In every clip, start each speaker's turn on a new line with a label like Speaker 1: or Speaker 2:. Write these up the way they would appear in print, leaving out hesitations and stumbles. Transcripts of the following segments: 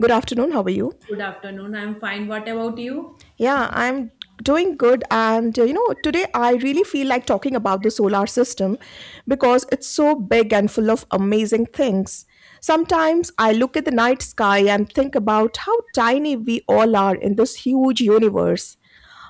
Speaker 1: Good afternoon. How are you?
Speaker 2: Good afternoon. I'm fine. What about you?
Speaker 1: Yeah, I'm doing good. Today I really feel like talking about the solar system because it's so big and full of amazing things. Sometimes I look at the night sky and think about how tiny we all are in this huge universe.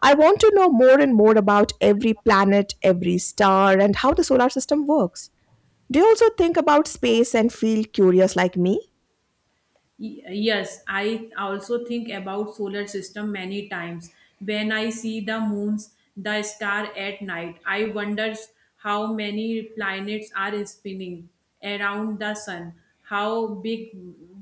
Speaker 1: I want to know more and more about every planet, every star, and how the solar system works. Do you also think about space and feel curious like me?
Speaker 2: Yes, I also think about solar system many times. When I see the moons, the star at night, I wonders how many planets are spinning around the sun, how big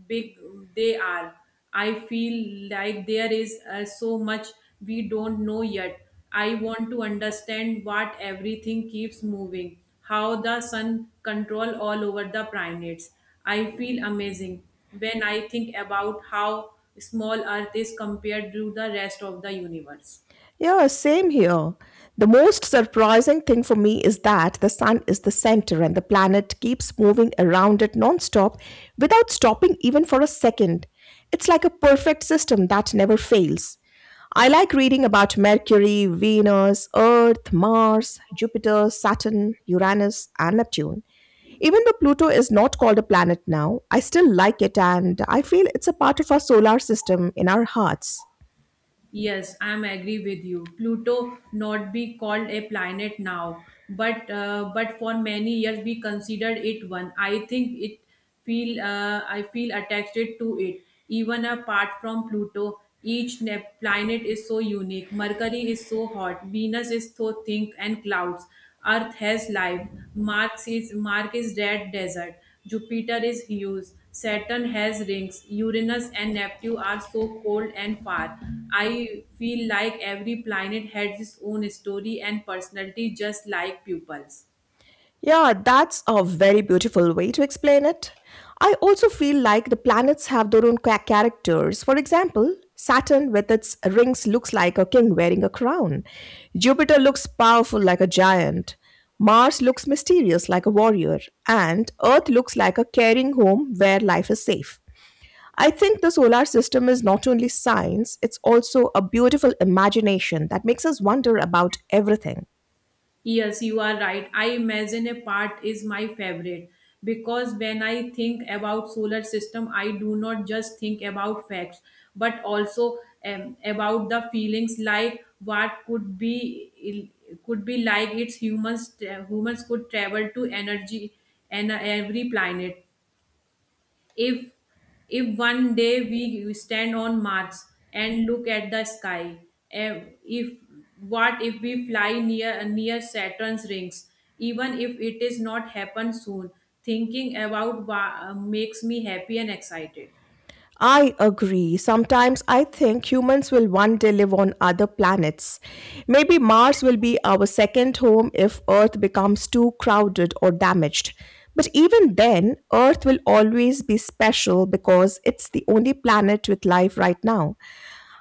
Speaker 2: big they are. I feel like there is so much we don't know yet. I want to understand what everything keeps moving, how the sun control all over the planets. I feel amazing when I think about how small earth is compared to the rest of the universe.
Speaker 1: Yeah, same here. The most surprising thing for me is that the sun is the center and the planet keeps moving around it nonstop without stopping even for a second. It's like a perfect system that never fails. I like reading about Mercury, Venus, Earth, Mars, Jupiter, Saturn, Uranus, and Neptune. Even though Pluto is not called a planet now, I still like it and I feel it's a part of our solar system in our hearts.
Speaker 2: Yes, I'm agree with you. Pluto not be called a planet now, but for many years we considered it one. I think it feel I feel attached to it. Even apart from Pluto, each planet is so unique. Mercury is so hot. Venus is so thick and clouds. Earth has life. Mars is Mark is red desert. Jupiter is huge. Saturn has rings. Uranus and Neptune are so cold and far. I feel like every planet has its own story and personality, just like pupils.
Speaker 1: Yeah, that's a very beautiful way to explain it. I also feel like the planets have their own characters. For example, Saturn with its rings looks like a king wearing a crown. Jupiter looks powerful like a giant. Mars looks mysterious like a warrior. And Earth looks like a caring home where life is safe. I think the solar system is not only science, it's also a beautiful imagination that makes us wonder about everything.
Speaker 2: Yes, you are right. I imagine a part is my favorite because when I think about solar system, I do not just think about facts, but also about the feelings, like what could be like its humans could travel to energy and every planet. If if one day we stand on Mars and look at the sky, eh, if what if we fly near Saturn's rings? Even if it is not happen soon, thinking about makes me happy and excited.
Speaker 1: I agree. Sometimes I think humans will one day live on other planets. Maybe Mars will be our second home if Earth becomes too crowded or damaged. But even then, Earth will always be special because it's the only planet with life right now.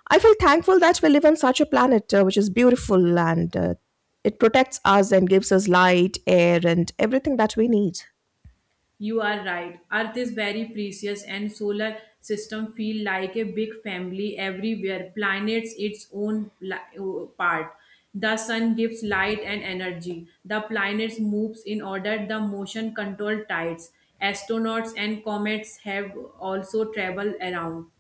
Speaker 1: I feel thankful that we live on such a planet which is beautiful and it protects us and gives us light, air, and everything that we need.
Speaker 2: You are right. Earth is very precious and solar system feel like a big family everywhere. Planets its own part. The sun gives light and energy. The planets moves in order the motion control tides. Astronauts and comets have also traveled around.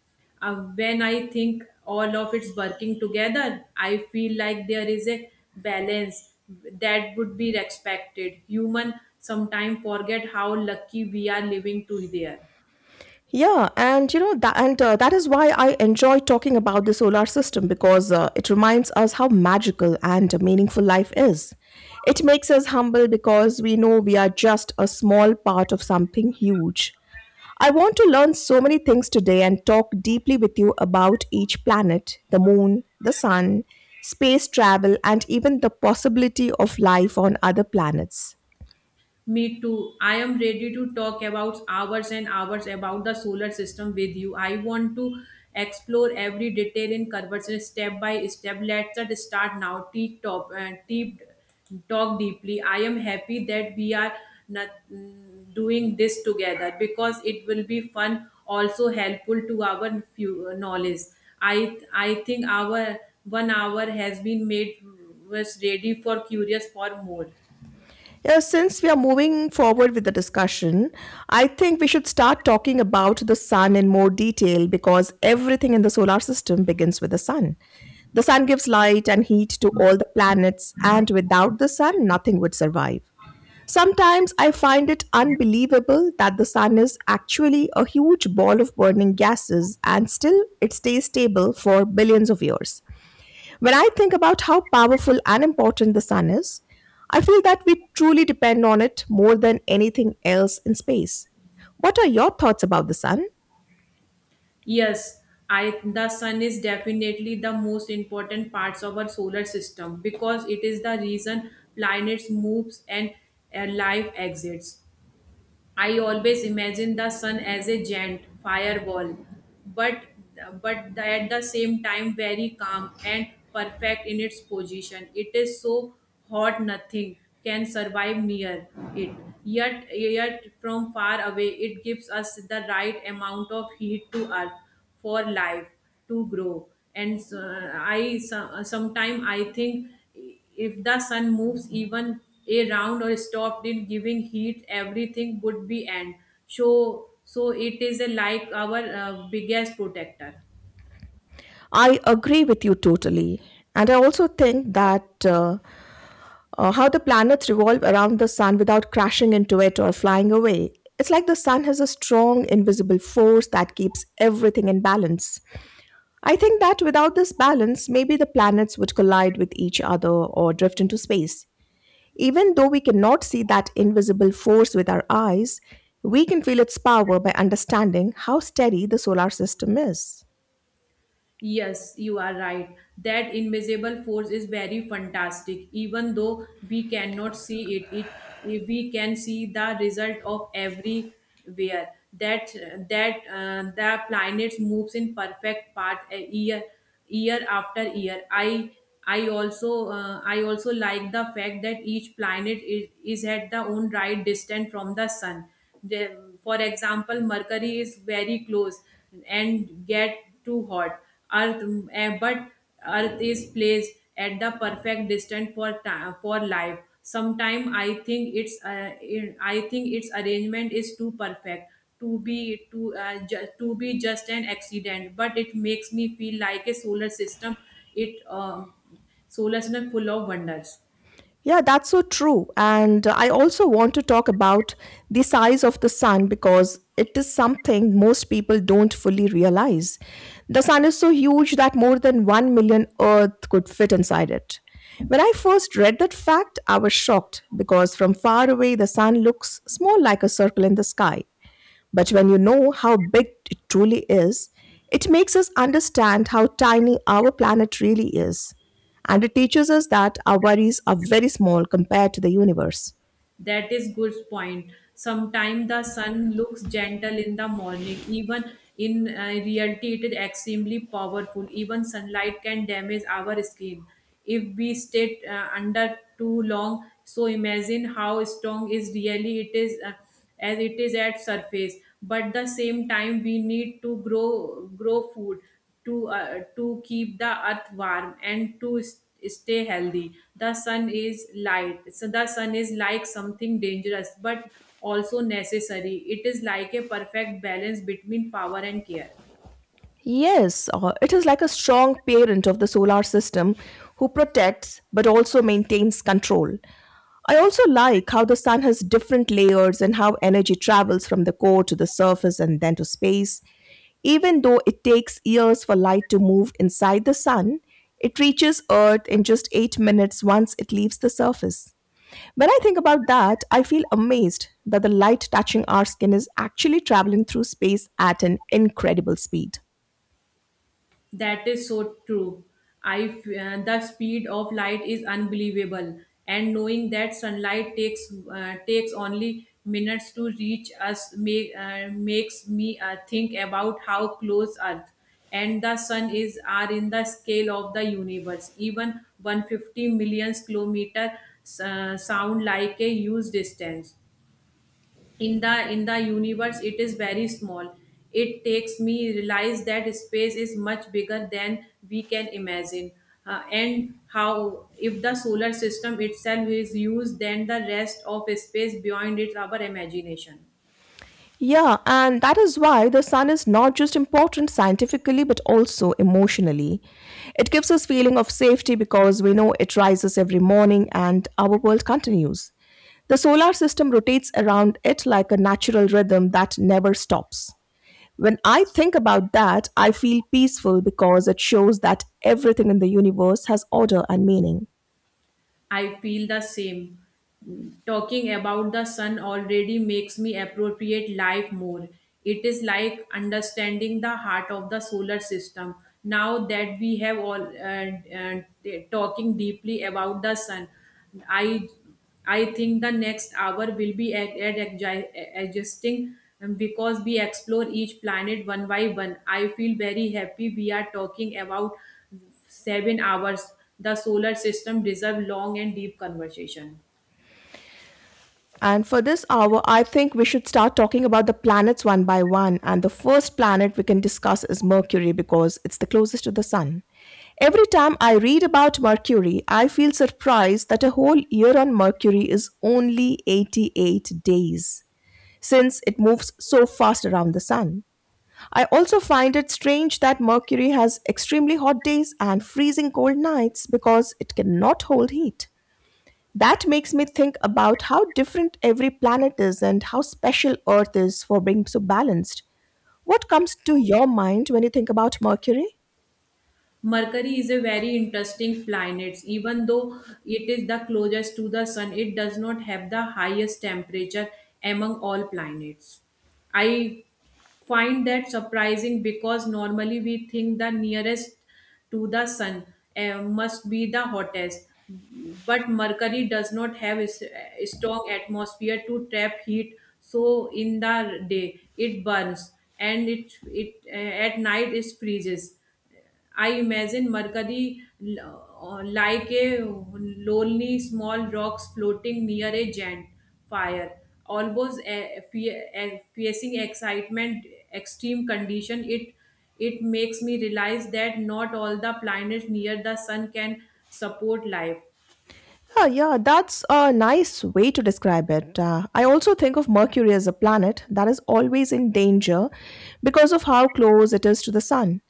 Speaker 2: When I think all of it's working together, I feel like there is a balance that would be respected. Human sometimes forget how lucky we are living to there.
Speaker 1: Yeah, and you know that, and that is why I enjoy talking about the solar system because it reminds us how magical and meaningful life is. It makes us humble because we know we are just a small part of something huge. I want to learn so many things today and talk deeply with you about each planet, the moon, the sun, space travel, and even the possibility of life on other planets.
Speaker 2: Me too. I am ready to talk about hours and hours about the solar system with you. I want to explore every detail in conversation step by step. Let's just start now. Deep top and deep talk deeply. I am happy that we are not doing this together because it will be fun, also helpful to our few knowledge. I think our one hour has been made was ready for curious for more.
Speaker 1: Yeah, since we are moving forward with the discussion, I think we should start talking about the sun in more detail because everything in the solar system begins with the sun. The sun gives light and heat to all the planets, and without the sun, nothing would survive. Sometimes I find it unbelievable that the sun is actually a huge ball of burning gases and still it stays stable for billions of years. When I think about how powerful and important the sun is, I feel that we truly depend on it more than anything else in space. What are your thoughts about the sun?
Speaker 2: Yes, I the sun is definitely the most important parts of our solar system because it is the reason planets moves and life exists. I always imagine the sun as a giant fireball, but but at the same time very calm and perfect in its position. It is so hot nothing can survive near it. Yet from far away it gives us the right amount of heat to earth for life to grow. And I sometimes I think if the sun moves even a round or stopped in giving heat everything would be end, so it is a like our biggest protector.
Speaker 1: I agree with you totally. And I also think that how the planets revolve around the sun without crashing into it or flying away. It's like the sun has a strong invisible force that keeps everything in balance. I think that without this balance, maybe the planets would collide with each other or drift into space. Even though we cannot see that invisible force with our eyes, we can feel its power by understanding how steady the solar system is.
Speaker 2: Yes, you are right. That invisible force is very fantastic. Even though we cannot see it. We can see the result of everywhere, that that the planets moves in perfect path a year after year. I also like the fact that each planet is at the own right distance from the sun. For example, Mercury is very close and get too hot. But Earth is placed at the perfect distance for time, for life. Sometime I think I think its arrangement is too perfect to be just an accident, but it makes me feel like a it uh, solar system full of wonders.
Speaker 1: Yeah, that's so true. And I also want to talk about the size of the sun because it is something most people don't fully realize. The sun is so huge that more than 1 million Earth could fit inside it. When I first read that fact, I was shocked because from far away the sun looks small like a circle in the sky. But when you know how big it truly is, it makes us understand how tiny our planet really is. And it teaches us that our worries are very small compared to the universe.
Speaker 2: That is good point. Sometimes the sun looks gentle in the morning, even in reality it is extremely powerful. Even sunlight can damage our skin if we stay under too long, so imagine how strong is really it is, as it is at surface. But the same time we need to grow food to keep the earth warm and to stay healthy. The sun is light, so the sun is like something dangerous but also necessary. It is like a perfect balance between power and care.
Speaker 1: Yes, it is like a strong parent of the solar system who protects but also maintains control. I also like how the sun has different layers and how energy travels from the core to the surface and then to space. Even though it takes years for light to move inside the sun, it reaches Earth in just 8 minutes once it leaves the surface. When I think about that, I feel amazed that the light touching our skin is actually traveling through space at an incredible speed.
Speaker 2: That is so true. The speed of light is unbelievable, and knowing that sunlight takes only minutes to reach us makes me think about how close Earth and the sun is are in the scale of the universe. Even 150 million kilometer sound like a huge distance. In the universe it is very small. It takes me realize that space is much bigger than we can imagine. And how if the solar system itself is used then the rest of space beyond it our imagination.
Speaker 1: Yeah, and that is why the sun is not just important scientifically but also emotionally. It gives us feeling of safety because we know it rises every morning and our world continues. The solar system rotates around it like a natural rhythm that never stops. When I think about that, I feel peaceful because it shows that everything in the universe has order and meaning.
Speaker 2: I feel the same. Talking about the sun already makes me appropriate life more. It is like understanding the heart of the solar system. Now that we have all talking deeply about the sun, I I think the next hour will be adjusting, because we explore each planet one by one. I feel very happy we are talking about 7 hours, the solar system deserves long and deep conversation.
Speaker 1: And for this hour, I think we should start talking about the planets one by one. And the first planet we can discuss is Mercury because it's the closest to the Sun. Every time I read about Mercury, I feel surprised that a whole year on Mercury is only 88 days, since it moves so fast around the Sun. I also find it strange that Mercury has extremely hot days and freezing cold nights because it cannot hold heat. That makes me think about how different every planet is and how special Earth is for being so balanced. What comes to your mind when you think about Mercury?
Speaker 2: Mercury is a very interesting planet. Even though it is the closest to the sun, it does not have the highest temperature among all planets. I find that surprising because normally we think the nearest to the sun must be the hottest. But Mercury does not have a strong atmosphere to trap heat, so in the day it burns and it at night it freezes. I imagine Mercury like a lonely small rocks floating near a giant fire, almost a facing excitement, extreme condition. It makes me realize that not all the planets near the sun can support life.
Speaker 1: Yeah, yeah, that's a nice way to describe it. I also think of Mercury as a planet that is always in danger because of how close it is to the Sun.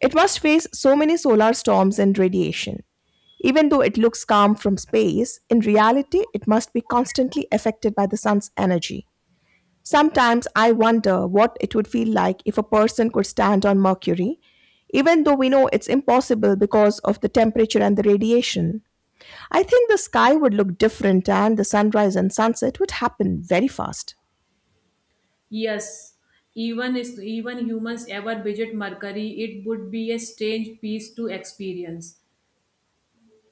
Speaker 1: It must face so many solar storms and radiation. Even though it looks calm from space, in reality, it must be constantly affected by the Sun's energy. Sometimes I wonder what it would feel like if a person could stand on Mercury, even though we know it's impossible because of the temperature and the radiation. I think the sky would look different and the sunrise and sunset would happen very fast.
Speaker 2: Yes, even humans ever visit Mercury, it would be a strange piece to experience.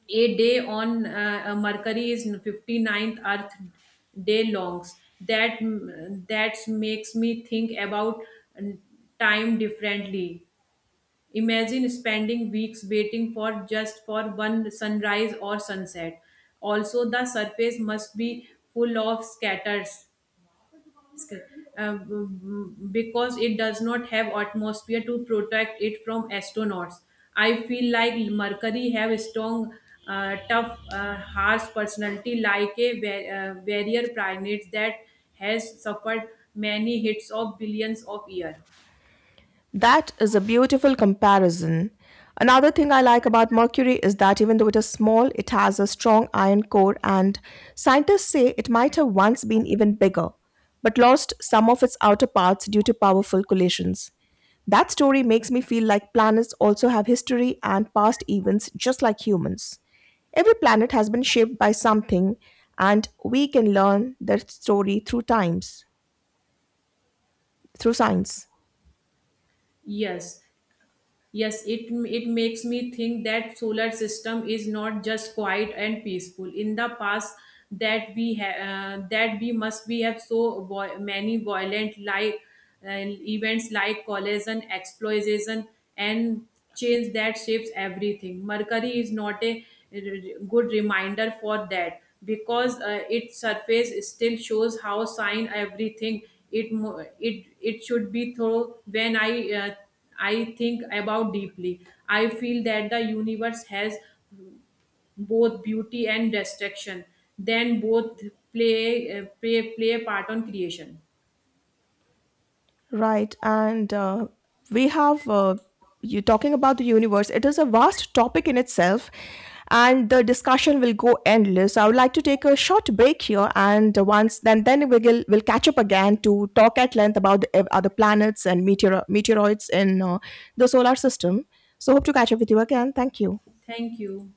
Speaker 2: A day on mercury is 59th earth day longs that makes me think about mm, time differently. Imagine spending weeks waiting for just for one sunrise or sunset. Also the surface must be full of scatters sky, because it does not have atmosphere to protect it from astronauts. I feel like Mercury have strong, tough, harsh personality like a barrier planet that has suffered many hits of billions of years.
Speaker 1: That is a beautiful comparison. Another thing I like about Mercury is that even though it is small, it has a strong iron core, and scientists say it might have once been even bigger, but lost some of its outer parts due to powerful collisions. That story makes me feel like planets also have history and past events just like humans. Every planet has been shaped by something, and we can learn their story through times, through science.
Speaker 2: Yes, yes, it makes me think that solar system is not just quiet and peaceful. In the past, that we must be have so many violent, like uh, events like collision, explosion, and change that shapes everything. Mercury is not a good reminder for that because its surface still shows how sign everything it mo- it should be through when I. I think about deeply. I feel that the universe has both beauty and destruction. Then both play a part on creation.
Speaker 1: Right. We have, uh, you talking about the universe, it is a vast topic in itself, and the discussion will go endless. I would like to take a short break here, and once then, we'll catch up again to talk at length about the other planets and meteoroids in the solar system. So, hope to catch up with you again. Thank you.
Speaker 2: Thank you.